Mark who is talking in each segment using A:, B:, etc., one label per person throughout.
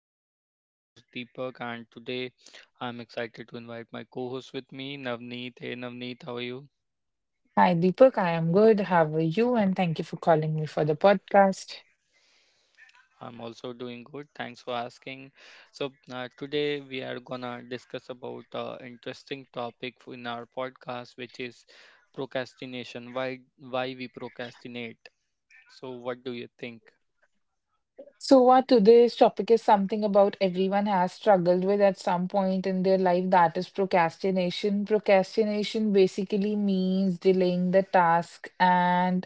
A: with me. This is your host Deepak, and today I'm excited to invite my co-host with me, Navneet. Hey Navneet, how are you?
B: Hi, Deepak. I am good. How are you? And thank you for calling me for the podcast.
A: I'm also doing good. Thanks for asking. So today we are gonna discuss about interesting topic in our podcast, which is procrastination. Why we procrastinate? So what do you think?
B: So, what today's topic is something about everyone has struggled with at some point in their life, that is procrastination. Procrastination basically means delaying the task, and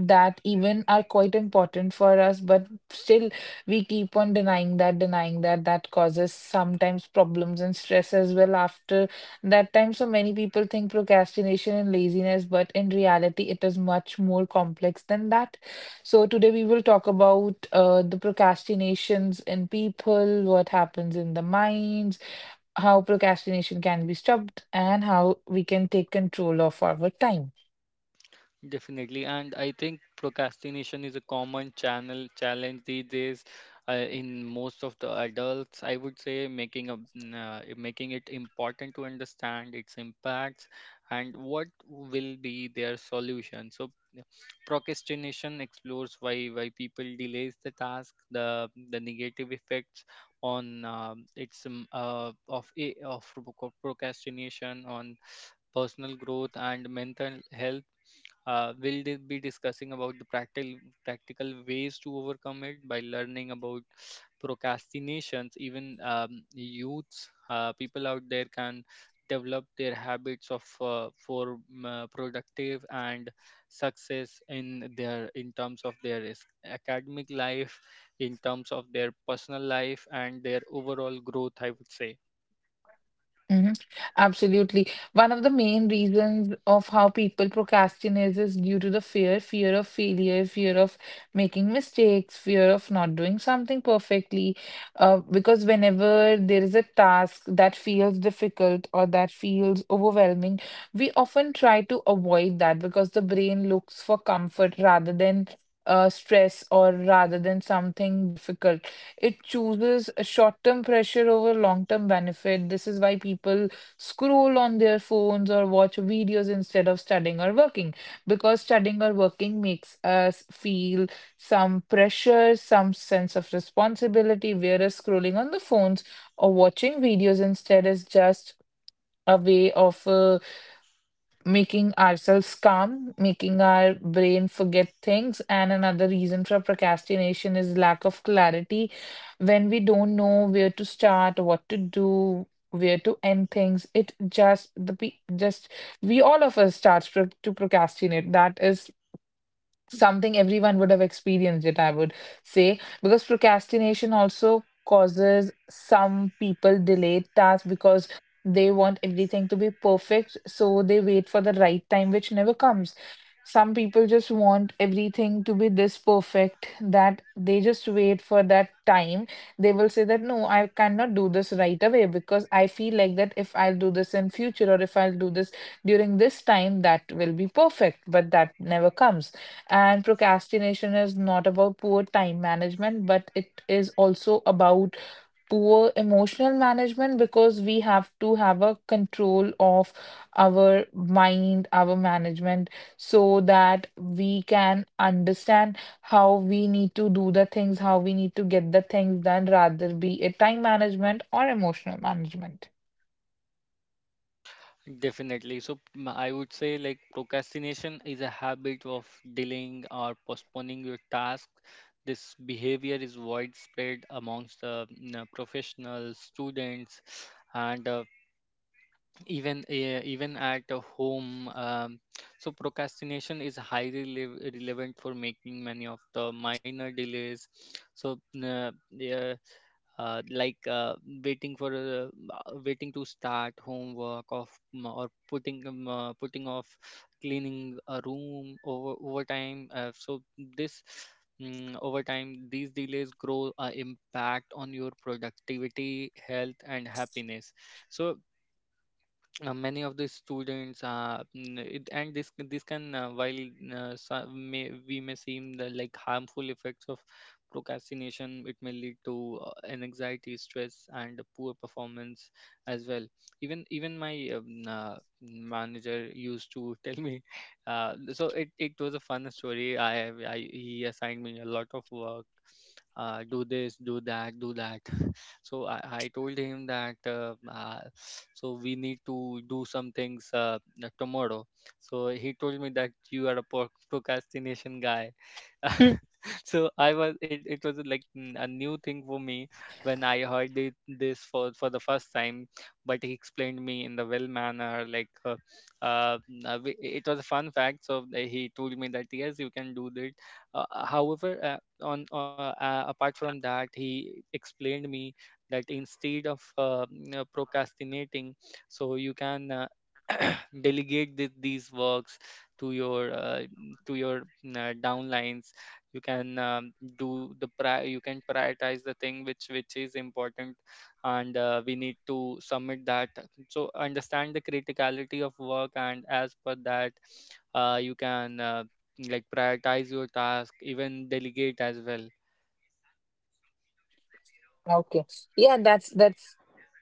B: that even are quite important for us, but still we keep on denying that. That causes sometimes problems and stress as well after that time. So many people think procrastination and laziness, but in reality, it is much more complex than that. So today we will talk about the procrastinations in people, what happens in the minds, how procrastination can be stopped, and how we can take control of our time.
A: Definitely, and I think procrastination is a common channel challenge these days, in most of the adults. I would say making a mm, I- making it important to understand its impacts and what will be their solution. So, yeah, procrastination explores why people delays the task, the negative effects on its of a- of proc- procrastination on personal growth and mental health. We'll be discussing about the practical ways to overcome it by learning about procrastinations. Even youths, people out there can develop their habits of for productive and success in terms of their academic life, in terms of their personal life, and their overall growth, I would say.
B: Hmm. Absolutely. One of the main reasons of how people procrastinate is due to the fear, fear of failure, fear of making mistakes, fear of not doing something perfectly. Because whenever there is a task that feels difficult or that feels overwhelming, we often try to avoid that because the brain looks for comfort rather than stress or rather than something difficult. It chooses a short-term pressure over long-term benefit. This is why people scroll on their phones or watch videos instead of studying or working, because studying or working makes us feel some pressure, some sense of responsibility, whereas scrolling on the phones or watching videos instead is just a way of making ourselves calm, making our brain forget things. And another reason for procrastination is lack of clarity. When we don't know where to start, what to do, where to end things, it just we all of us starts to procrastinate. That is something everyone would have experienced it, I would say, because procrastination also causes some people delayed tasks because they want everything to be perfect, so they wait for the right time, which never comes. Some people just want everything to be this perfect that they just wait for that time. They will say that no, I cannot do this right away because I feel like that if I'll do this in future or if I'll do this during this time, that will be perfect, but that never comes. And procrastination is not about poor time management, but it is also about poor emotional management, because we have to have a control of our mind, our management, so that we can understand how we need to do the things, how we need to get the things done, rather be it time management or emotional management.
A: Definitely. So I would say like procrastination is a habit of delaying or postponing your task. This behavior is widespread amongst the professionals, students, and even at home. So procrastination is highly relevant for making many of the minor delays. So yeah, like waiting to start homework or putting off cleaning a room over time. This Over time, these delays grow a impact on your productivity, health, and happiness. So many of the students, n- it, and this can, we may seem the like harmful effects of procrastination. It may lead to an anxiety, stress, and poor performance as well. Even my manager used to tell me It was a fun story. I He assigned me a lot of work — do this, do that, do that. So I told him that, so we need to do some things tomorrow. So he told me that you are a procrastination guy.
B: Mm.
A: So it was like a new thing for me when I heard this for the first time. But he explained me in the well manner like. It was a fun fact. So he told me that yes, you can do that. However, on apart from that, he explained me that instead of procrastinating, so you can delegate these works to your to your downlines. You can um, do the pri- you can prioritize the thing which is important, and we need to submit that. So understand the criticality of work, and as per that, you can, like, prioritize your task, even delegate as well.
B: Okay. Yeah, that's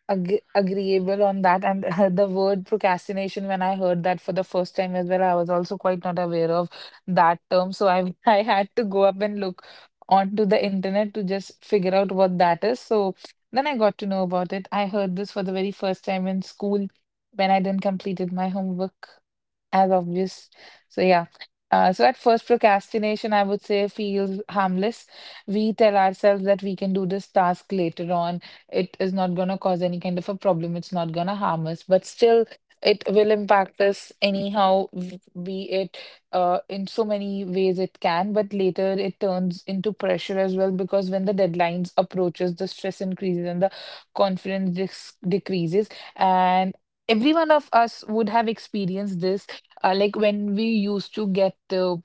B: agreeable on that. And the word procrastination, when I heard that for the first time as well, I was also quite not aware of that term. So I I had to go up and look onto the internet to just figure out what that is. So then I got to know about it. I heard this for the very first time in school when I didn't completed my homework, as obvious. So yeah. So at first, procrastination, I would say, feels harmless. We tell ourselves that we can do this task later on. It is not going to cause any kind of a problem. It's not going to harm us, but still, it will impact us anyhow, be it in so many ways it can. But later, it turns into pressure as well, because when the deadlines approaches, the stress increases and the confidence decreases. And every one of us would have experienced this like when we used to get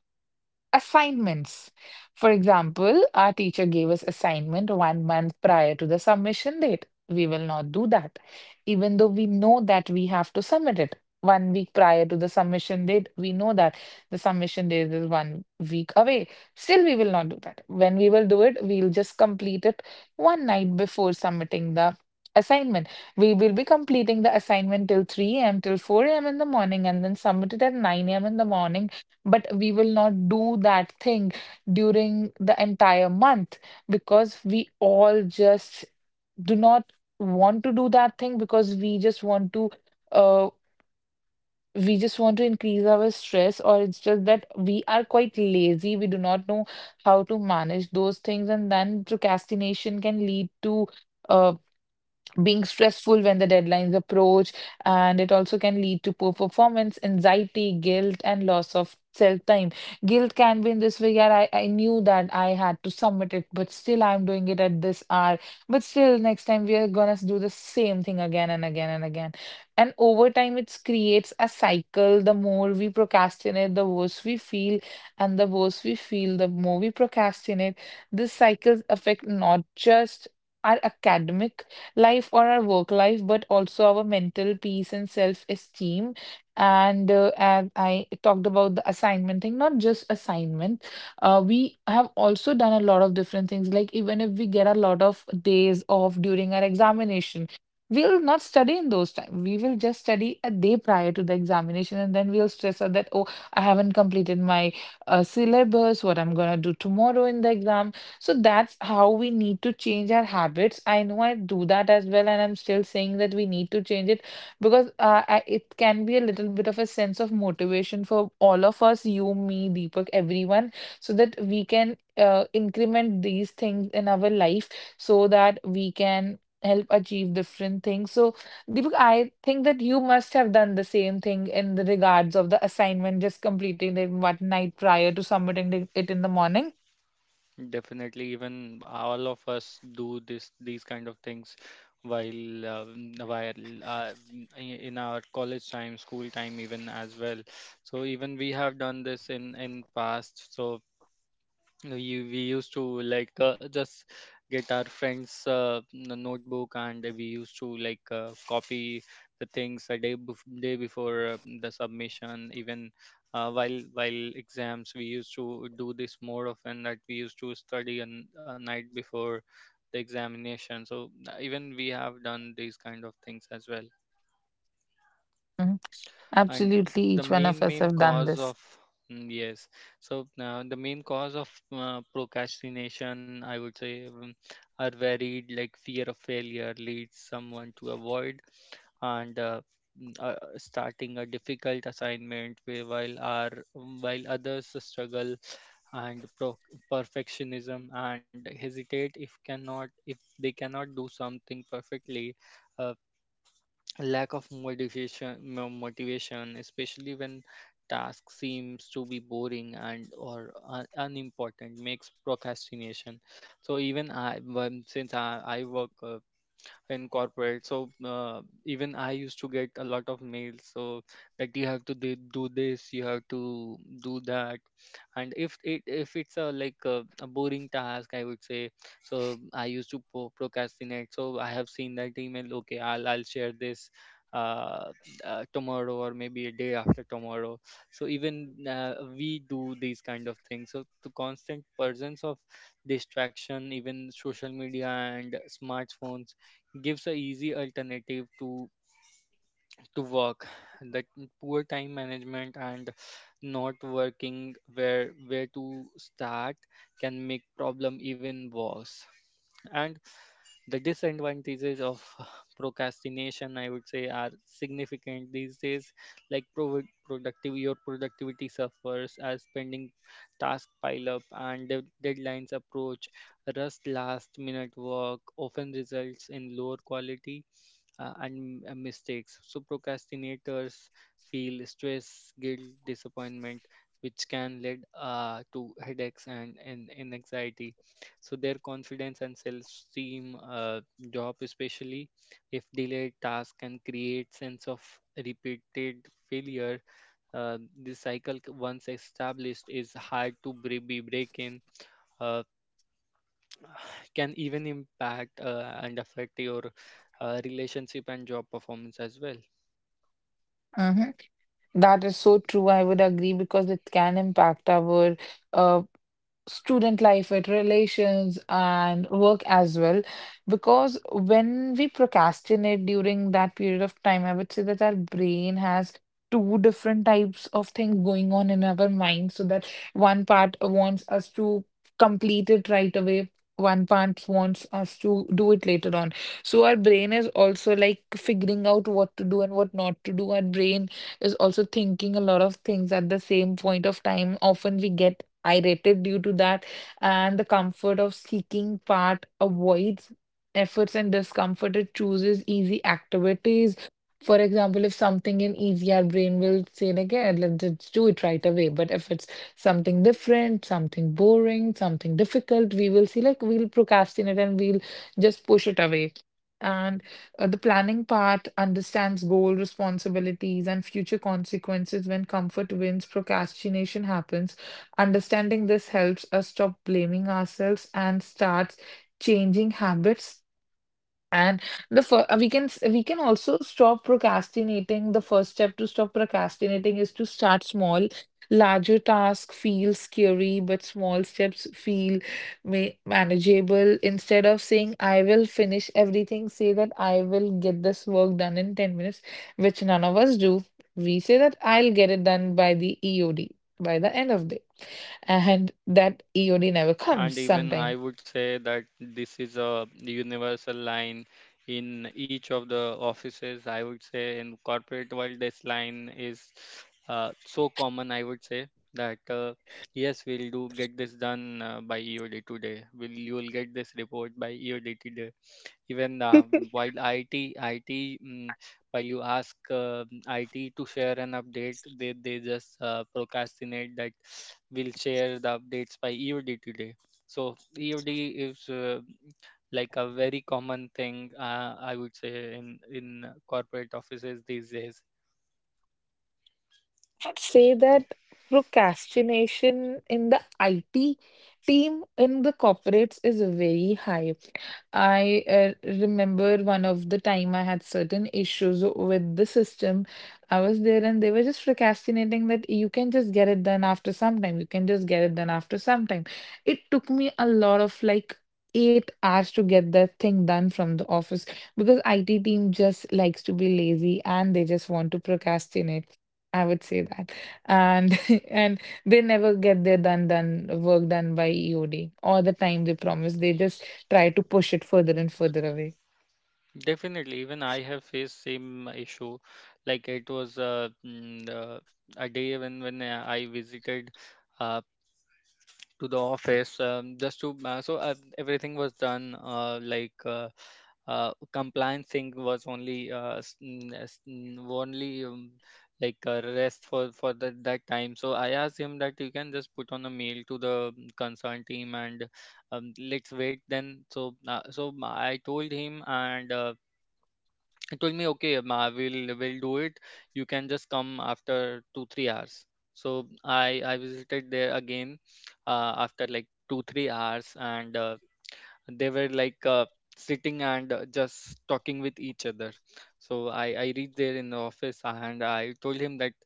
B: assignments. For example, our teacher gave us assignment 1 month prior to the submission date. We will not do that, even though we know that we have to submit it. 1 week prior to the submission date, we know that the submission date is 1 week away. Still, we will not do that. When we will do it, we'll just complete it one night before submitting the assignment. We will be completing the assignment till 3 a.m., till 4 a.m. in the morning, and then submit it at 9 a.m. in the morning, but we will not do that thing during the entire month, because we all just do not want to do that thing because we just want to uh we just want to increase our stress, or it's just that we are quite lazy, we do not know how to manage those things. And then procrastination can lead to uh being stressful when the deadlines approach, and it also can lead to poor performance, anxiety, guilt, and loss of self time. Guilt can be in this way, yeah, I knew that I had to submit it, but still I'm doing it at this hour. But still, next time we are gonna do the same thing again and again and again. And over time, it creates a cycle. The more we procrastinate, the worse we feel, and the worse we feel, the more we procrastinate. These cycles affect not just our academic life or our work life, but also our mental peace and self-esteem. And as I talked about the assignment thing, not just assignment, we have also done a lot of different things. Like even if we get a lot of days off during our examination, we'll not study in those time. We will just study a day prior to the examination, and then we'll stress out that, oh, I haven't completed my syllabus, what I'm gonna do tomorrow in the exam. So that's how we need to change our habits. I know I do that as well, and I'm still saying that we need to change it, because it can be a little bit of a sense of motivation for all of us, you, me, Deepak, everyone, so that we can increment these things in our life so that we can help achieve different things. So, Deepak, I think that you must have done the same thing in the regards of the assignment, just completing it one night prior to submitting it in the morning.
A: Definitely, even all of us do this, these kind of things, while in our college time, school time, even as well. So even we have done this in past. So we used to like just get our friends notebook, and we used to like copy the things a day day before the submission. Even while exams we used to do this more often, that we used to study a night before the examination. So even we have done these kind of things as well. And
B: Absolutely, each
A: the
B: one of
A: main
B: us
A: main
B: have done
A: cause
B: this.
A: of mm, yes so the main cause of procrastination, I would say, are varied. Like fear of failure leads someone to avoid, and starting a difficult assignment, whi- while our while others struggle, and perfectionism, and hesitate if they cannot do something perfectly. uh, Lack of motivation, especially when task seems to be boring and or unimportant, makes procrastination. So since I work in corporate, even I used to get a lot of mails, so that you have to do this, you have to do that. And if it's a like a boring task, I would say. So I used to procrastinate. So I have seen that email, okay, I'll share this uh, tomorrow or maybe a day after tomorrow. So even, we do these kind of things. So the constant presence of distraction, even social media and smartphones, gives a easy alternative to work. That poor time management and not working where to start can make problem even worse. And the disadvantages of procrastination, I would say, are significant these days. Like pro- productive your productivity suffers as pending task pile up and deadlines approach. Rust last minute work often results in lower quality, and mistakes. So procrastinators feel stress, guilt, disappointment, which can lead to headaches and anxiety. So their confidence and self-esteem drop, especially if delayed task can create sense of repeated failure. This cycle, once established, is hard to bre- be breaking, can even impact, and affect your relationship and job performance as well.
B: Mhm. That is so true. I would agree because it can impact our uh, student life, with relations and work as well. Because when we procrastinate during that period of time, I would say that our brain has two different types of things going on in our mind. So that one part wants us to complete it right away. One part wants us to do it later on. So our brain is also like figuring out what to do and what not to do. Our brain is also thinking a lot of things at the same point of time. Often we get irritated due to that, and the comfort of seeking part avoids efforts and discomfort. It chooses easy activities. For example, if something in easy, our brain will say like, yeah, let's just do it right away. But if it's something different, something boring, something difficult, we will see like we'll procrastinate and we'll just push it away. And the planning part understands goal responsibilities and future consequences. When comfort wins, procrastination happens. Understanding this helps us stop blaming ourselves and starts changing habits. And we can we can also stop procrastinating. The first step to stop procrastinating is to start small. Larger tasks feel scary, but small steps feel manageable. Instead of saying, I will finish everything, say that I will get this work done in 10 minutes, which none of us do. We say that I'll get it done by the EOD, by the end of the day. And that EOD never comes
A: And even
B: sometimes.
A: I would say that this is a universal line in each of the offices. I would say in corporate world, this line is so common. I would say that yes, we'll do get this done by EOD today. Will you'll get this report by EOD. Even while IT, IT, mm, while you ask IT to share an update, they just procrastinate that we'll share the updates by EOD today. So EOD is like a very common thing, I would say, in corporate offices these days.
B: I would say that procrastination in the IT team in the corporates is very high. I remember one of the time I had certain issues with the system. I was there and they were just procrastinating that you can just get it done after some time. You can just get it done after some time. It took me a lot of like 8 hours to get that thing done from the office, because IT team just likes to be lazy and they just want to procrastinate. I would say that. And and they never get their done work done by EOD or the time they promise. They just try to push it further and further away.
A: Definitely, even I have faced same issue. Like it was a day when I visited uh, to the office, just to everything was done, like, compliance thing was only only, like, a rest for that time. So I asked him that you can just put on a mail to the concerned team, and let's wait then. So I told him, and he told me, okay ma, we'll will do it. You can just come after 2 3 hours. So I visited there again, after like 2 3 hours, and they were like sitting and just talking with each other. So I reached there in the office and I told him that,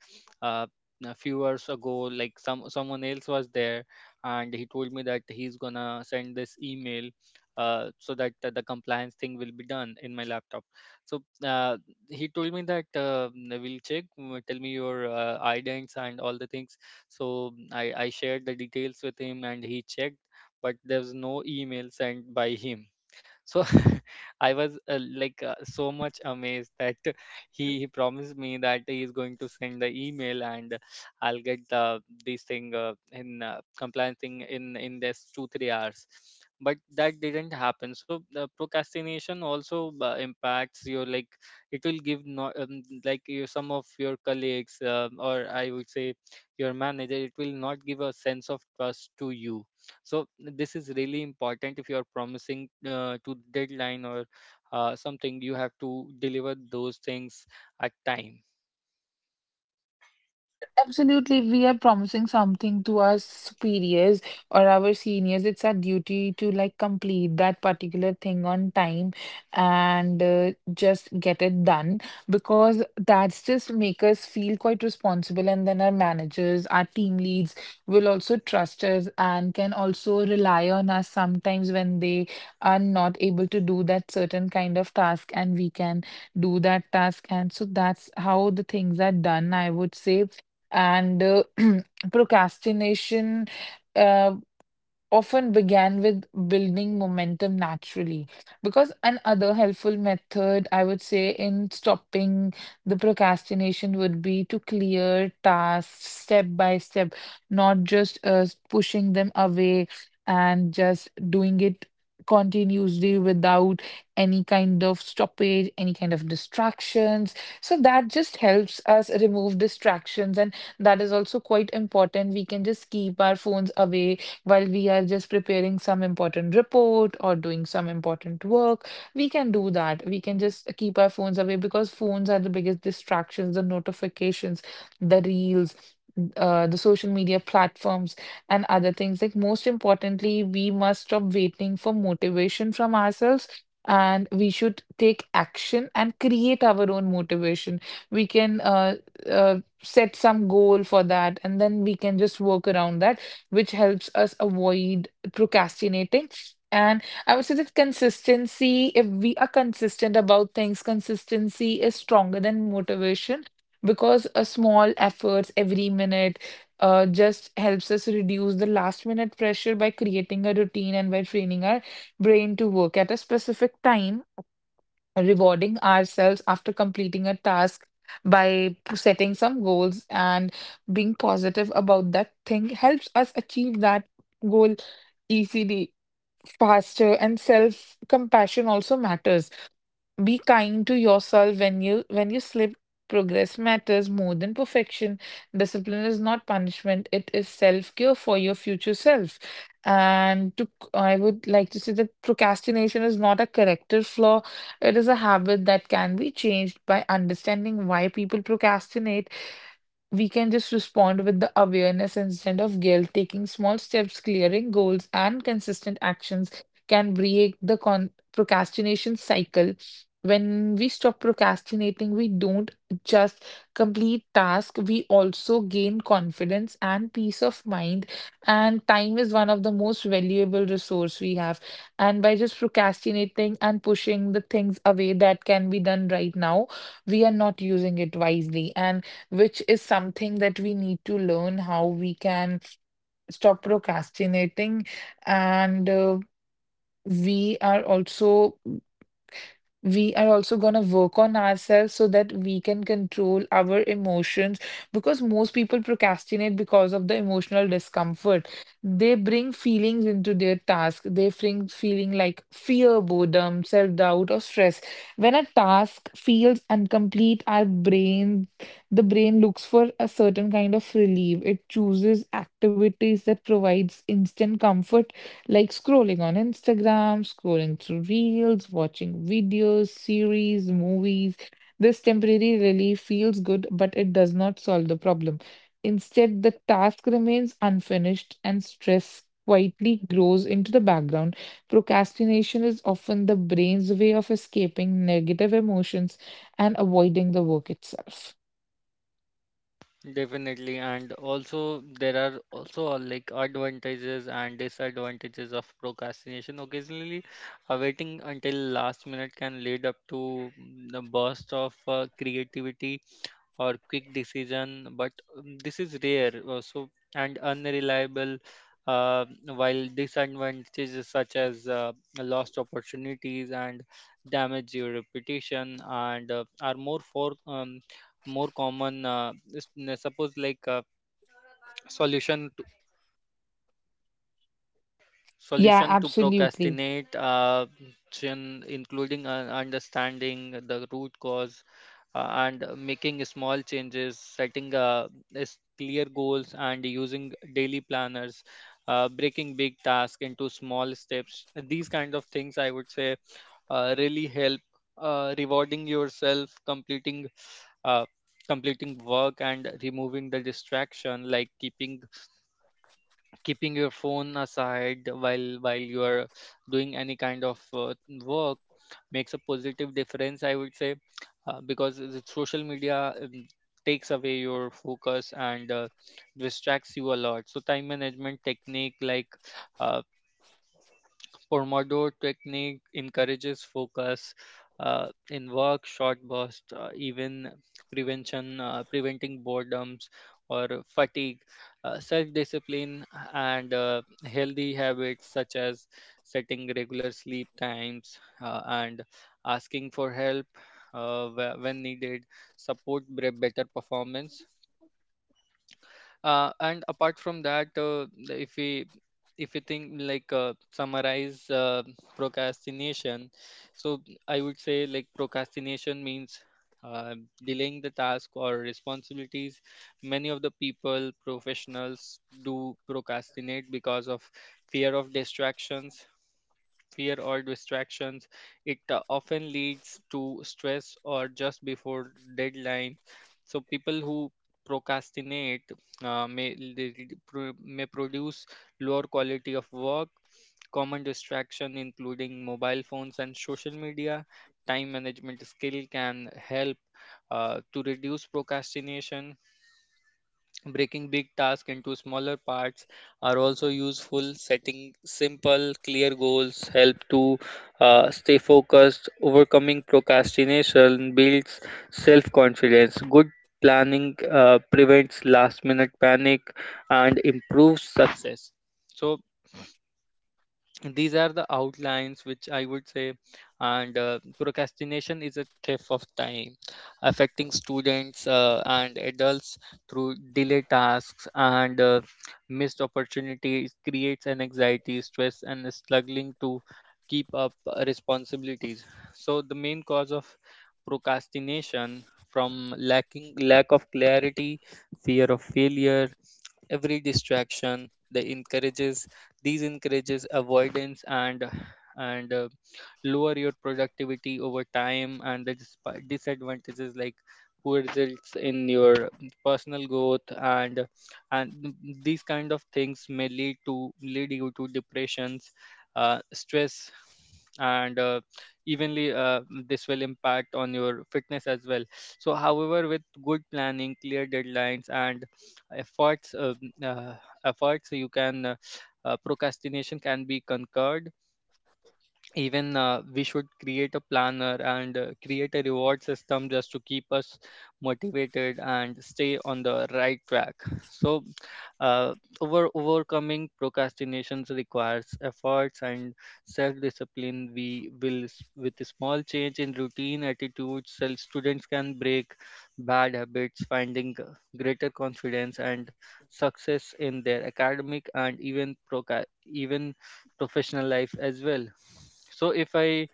A: uh, a few hours ago, like, someone else was there, and he told me that he's gonna send this email, so that the compliance thing will be done in my laptop. So he told me that we'll check, tell me your idents and all the things. So I shared the details with him, and he checked, but there's no email sent by him. So I was, like, so much amazed that he promised me that he is going to send the email and I'll get the this thing, in compliance thing, in this 2 3 hours, but that didn't happen. So the procrastination also impacts your, like, it will give no, like, you, some of your colleagues, or I would say your manager, it will not give a sense of trust to you. So this is really important. If you are promising to deadline or something, you have to deliver those things at time.
B: Absolutely, we are promising something to our superiors or our seniors. It's our duty to like complete that particular thing on time and just get it done, because that's just make us feel quite responsible. And then our managers, our team leads will also trust us and can also rely on us sometimes when they are not able to do that certain kind of task and we can do that task. And so that's how the things are done, I would say and procrastination uh, often began with building momentum naturally. Because another helpful method, I would say, in stopping the procrastination would be to clear tasks step by step, not just pushing them away and just doing it continuously without any kind of stoppage, any kind of distractions. So that just helps us remove distractions, and that is also quite important. We can just keep our phones away while we are just preparing some important report or doing some important work, we can do that. We can just keep our phones away because phones are the biggest distractions, the notifications, the reels, the social media platforms, and other things. Like, most importantly, we must stop waiting for motivation from ourselves. And we should take action and create our own motivation. We can set some goal for that, and then we can just work around that which helps us avoid procrastinating. And I would say that consistency, if we are consistent about things, consistency is stronger than motivation because a small efforts every minute just helps us reduce the last minute pressure by creating a routine and by training our brain to work at a specific time, rewarding ourselves after completing a task by setting some goals and being positive about that thing helps us achieve that goal easily, faster, and self compassion also matters. Be kind to yourself when you slip. Progress matters more than perfection. Discipline is not punishment, it is self-care for your future self. And to, I would like to say that procrastination is not a character flaw. It is a habit that can be changed by understanding why people procrastinate. We can just respond with the awareness instead of guilt. Taking small steps, clearing goals, and consistent actions can break the procrastination cycle. When we stop procrastinating, we don't just complete tasks, we also gain confidence and peace of mind. And time is one of the most valuable resource we have. And by just procrastinating and pushing the things away that can be done right now, we are not using it wisely. And which is something that we need to learn how we can stop procrastinating. And we are also we are also going to work on ourselves so that we can control our emotions because most people procrastinate because of the emotional discomfort. They bring feelings into their task. They bring feeling like fear, boredom, self-doubt, or stress. When a task feels incomplete, the brain looks for a certain kind of relief. It chooses activities that provides instant comfort like scrolling on Instagram, scrolling through reels, watching videos, series, movies. This temporary relief feels good, but it does not solve the problem. Instead, the task remains unfinished and stress quietly grows into the background. Procrastination is often the brain's way of escaping negative emotions and avoiding the work itself.
A: Definitely, and also there are also, like, advantages and disadvantages of procrastination. Occasionally, waiting until last minute can lead up to a burst of creativity or quick decision, but this is rare. So and unreliable. Uh, while disadvantages such as lost opportunities and damage your reputation, and are more for more common. Suppose like, solution to,
B: Yeah,
A: solution to
B: absolutely.
A: procrastinate, including understanding the root cause, and making small changes, setting is clear goals, and using daily planners, breaking big tasks into small steps. These kind of things, I would say, really help rewarding yourself completing uh, completing work and removing the distraction like keeping your phone aside while you are doing any kind of work makes a positive difference, I would say, because the social media takes away your focus and distracts you a lot. So time management technique like uh, Pomodoro technique encourages focus in work, short bursts, even prevention, preventing boredoms or fatigue. Self-discipline and healthy habits such as setting regular sleep times and asking for help when needed support better performance and apart from that, if we think like, summarize procrastination, so I would say, like, procrastination means uh, delaying the task or responsibilities. Many of the people professionals do procrastinate because of fear of distractions, fear or distractions. It often leads to stress or just before deadline. So people who procrastinate may produce lower quality of work. Common distraction including mobile phones and social media. Time management skill can help to reduce procrastination. Breaking big tasks into smaller parts are also useful. Setting simple, clear goals help to stay focused. Overcoming procrastination builds self confidence. Good planning prevents last minute panic and improves success. So, these are the outlines which I would say. And procrastination is a thief of time, affecting students and adults through delay tasks and missed opportunities, creates an anxiety stress and struggling to keep up responsibilities. So the main cause of procrastination from lacking lack of clarity, fear of failure, every distraction they encourages, these encourages avoidance and and uh, lower your productivity over time. And the disadvantages like poor results in your personal growth and and these kind of things may lead you to depressions, stress, and evenly this will impact on your fitness as well. So however, with good planning, clear deadlines and efforts um, uh, efforts, you can procrastination can be conquered. Even we should create a planner and create a reward system just to keep us motivated and stay on the right track. So uh, overcoming procrastinations requires efforts and self discipline. We with a small change in routine attitudes, self students can break bad habits, finding greater confidence and success in their academic and even even professional life as well. So if I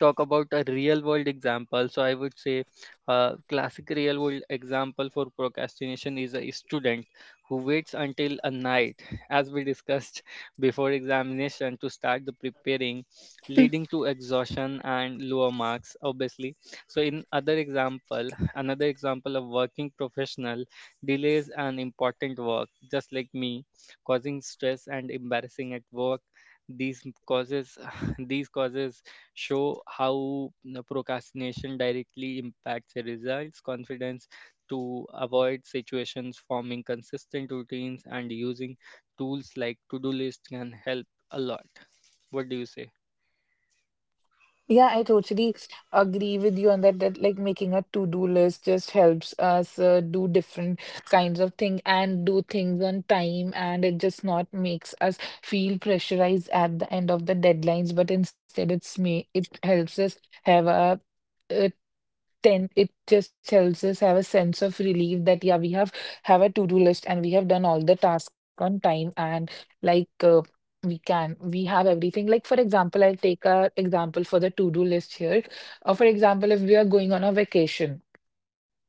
A: talk about a real world example, so I would say a classic real world example for procrastination is a student who waits until a night, as we discussed before examination, to start the preparing, leading to exhaustion and lower marks, obviously. So, in other example, another example of working professional delays an important work, just like me, causing stress and embarrassing at work. These causes, these causes show how, you know, procrastination directly impacts the results, confidence to avoid situations, forming consistent routines, and using tools like to-do list can help a lot. What do you say?
B: Yeah, I totally agree with you on that, that like making a to-do list just helps us do different kinds of thing and do things on time and it just not makes us feel pressurized at the end of the deadlines, but instead it helps us have a uh, then it just helps us have a sense of relief that yeah we have a to-do list and we have done all the task on time and like uh, we have everything. Like, for example, I'll take a example for the to-do list here, or for example, if we are going on a vacation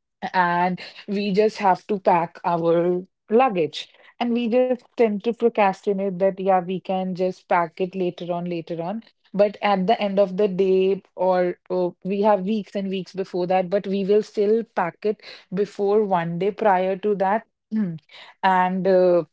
B: and we just have to pack our luggage and we just tend to procrastinate that yeah we can just pack it later on, but at the end of the day, or we have weeks and weeks before that, but we will still pack it before one day prior to that. and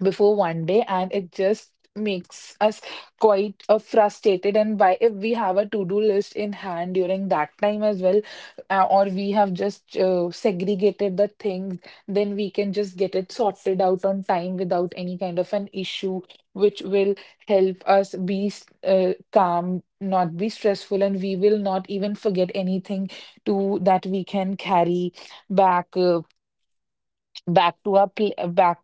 B: before one day, and it just makes us quite frustrated. And why, if we have a to-do list in hand during that time as well, or we have just segregated the things, then we can just get it sorted out on time without any kind of an issue, which will help us be calm, not be stressful, and we will not even forget anything to that we can carry back back to our pl- back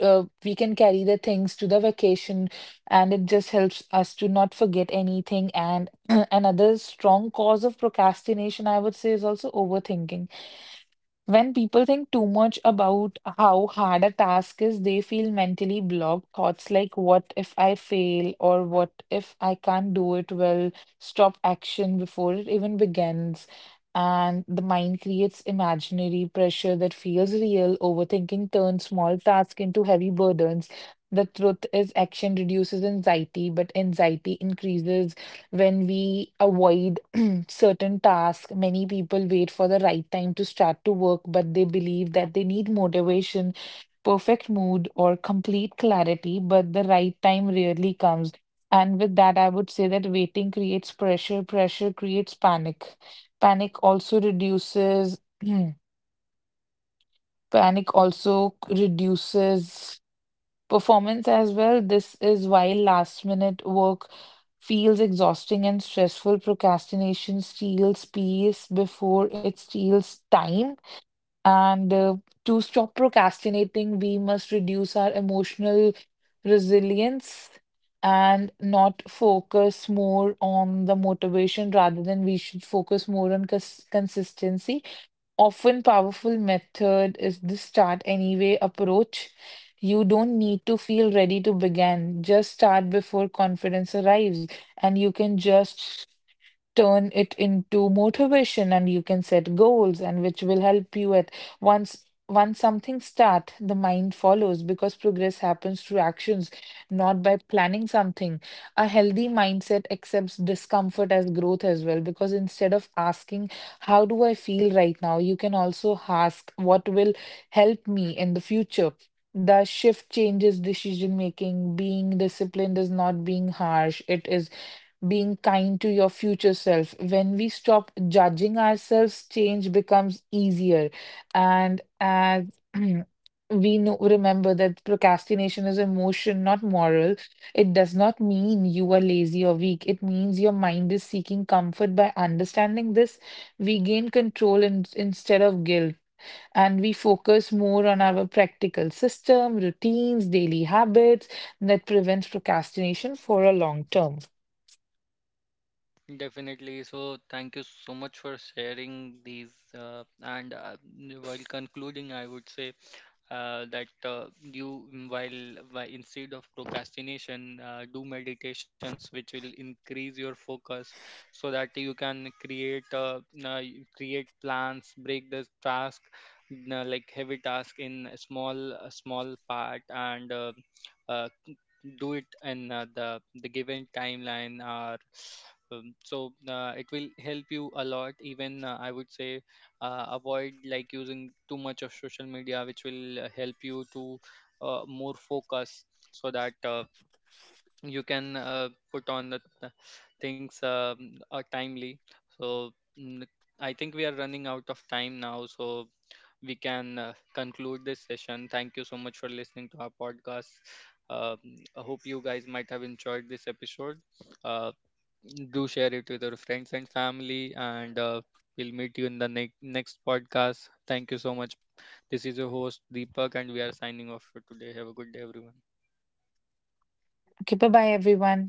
B: we can carry the things to the vacation, and it just helps us to not forget anything. And another strong cause of procrastination, I would say, is also overthinking. When people think too much about how hard a task is, they feel mentally blocked. Thoughts like, what if I fail, or what if I can't do it well, stop action before it even begins. And the mind creates imaginary pressure that feels real. Overthinking turns small tasks into heavy burdens. The truth is, action reduces anxiety, but anxiety increases when we avoid certain task. Many people wait for the right time to start to work, but they believe that they need motivation, perfect mood, or complete clarity, but the right time rarely comes. And with that, I would say that waiting creates pressure, pressure creates panic. Panic also reduces, panic also reduces performance as well. This is why last minute work feels exhausting and stressful. Procrastination steals peace before it steals time. And To stop procrastinating, we must reduce our emotional resilience and not focus more on the motivation, rather than we should focus more on consistency. Often powerful method is the start anyway approach. You don't need to feel ready to begin. Just start before confidence arrives, and you can just turn it into motivation and you can set goals and which will help you at once. Once something start, the mind follows because progress happens through actions, not by planning something. A healthy mindset accepts discomfort as growth as well, because instead of asking how do I feel right now, you can also ask what will help me in the future. The shift changes decision making. Being disciplined is not being harsh, it is being kind to your future self. When we stop judging ourselves, change becomes easier. And as we know, remember that procrastination is emotion, not moral. It does not mean you are lazy or weak. It means your mind is seeking comfort. By understanding this, we gain control in, instead of guilt. And we focus more on our practical system, routines, daily habits that prevents procrastination for a long term.
A: Definitely. So, thank you so much for sharing these. And While concluding, I would say that you while instead of procrastination, do meditations which will increase your focus so that you can create you create plans, break the task like heavy task in a small part and uh, do it in the given timeline or so it will help you a lot. Even I would say avoid like using too much of social media which will help you to more focus, so that you can put on the things timely. so mm, I think we are running out of time now, so we can conclude this session. Thank you so much for listening to our podcast. Um I hope you guys might have enjoyed this episode. uh, do share it with your friends and family, and we'll meet you in the next podcast. Thank you so much. This is your host Deepak, and we are signing off for today. Have a good day, everyone.
B: Okay, bye bye, everyone.